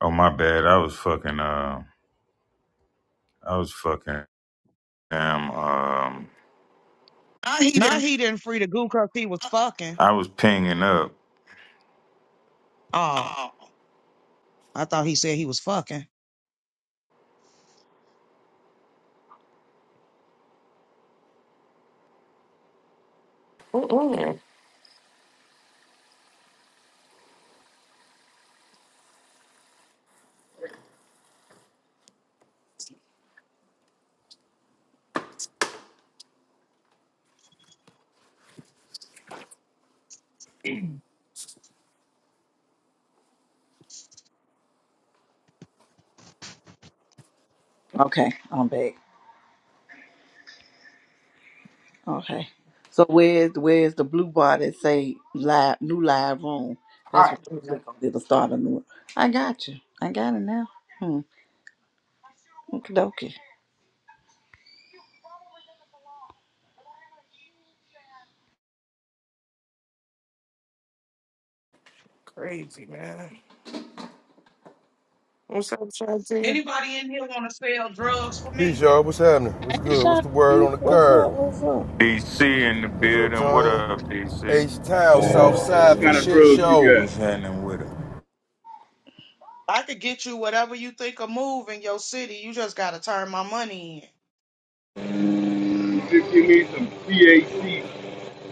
Oh my bad. I was fucking uh I was fucking damn um I he No, him. he didn't free the goo 'cause he was fucking. I was pinging up. Oh, Oh. I thought he said he was fucking. Mm, Okay, I'm back. Okay. So where's where's the blue bar that say live new live room? That's what hot. you click on. It'll start a new one. I got you. I got it now. Hmm. Okie dokie. Crazy, man. What's up, Chauncey? Anybody in here want to sell drugs for Peace, me? y'all. What's happening? What's Hey good? What's the word Shawnee, on the what's curb? up? What's up? DC in the What's up, building. What Tony? up, DC? H Town, South Side for kind of shit drugs you show. got? What's happening with him? I could get you whatever you think of move in your city. You just gotta turn my money in. Just give me some THC.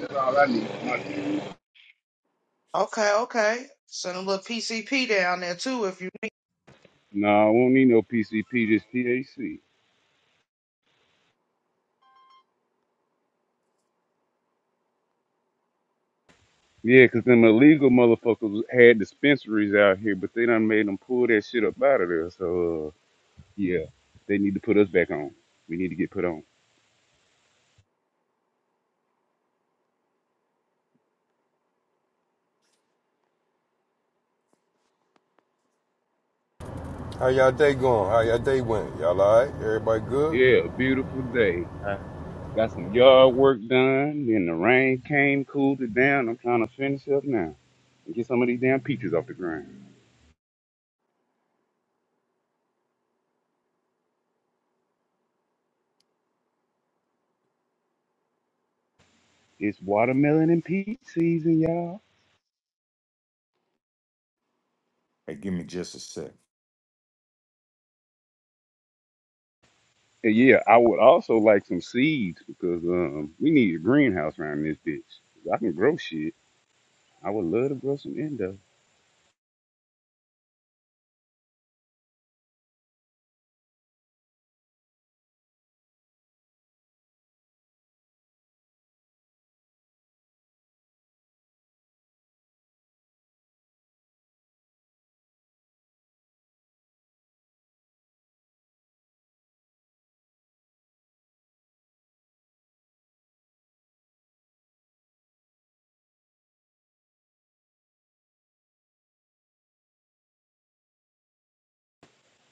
That's all I need. for My THC. Okay, okay. Send a little PCP down there too if you. No, I won't need no PCP, just THC. Yeah, 'cause them illegal motherfuckers had dispensaries out here, but they done made them pull that shit up out of there. So, uh, yeah, they need to put us back on. We need to get put on. How y'all day going? How y'all day went? Y'all alright? Everybody good? Yeah, beautiful day. I got some yard work done, then the rain came, cooled it down. I'm trying to finish up now and get some of these damn peaches off the ground. It's watermelon and peach season, y'all. Hey, give me just a sec. And yeah, I would also like some seeds because um, we need a greenhouse around this bitch. I can grow shit. I would love to grow some endo.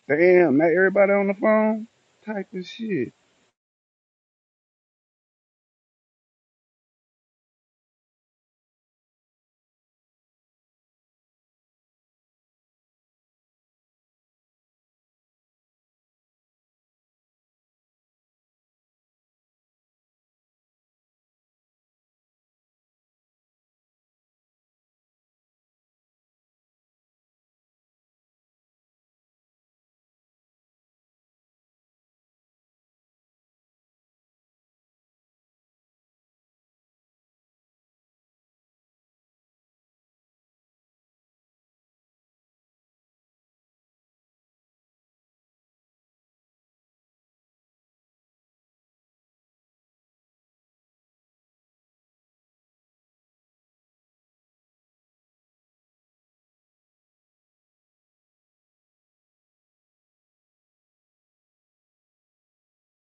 Damn, not everybody on the phone type of shit.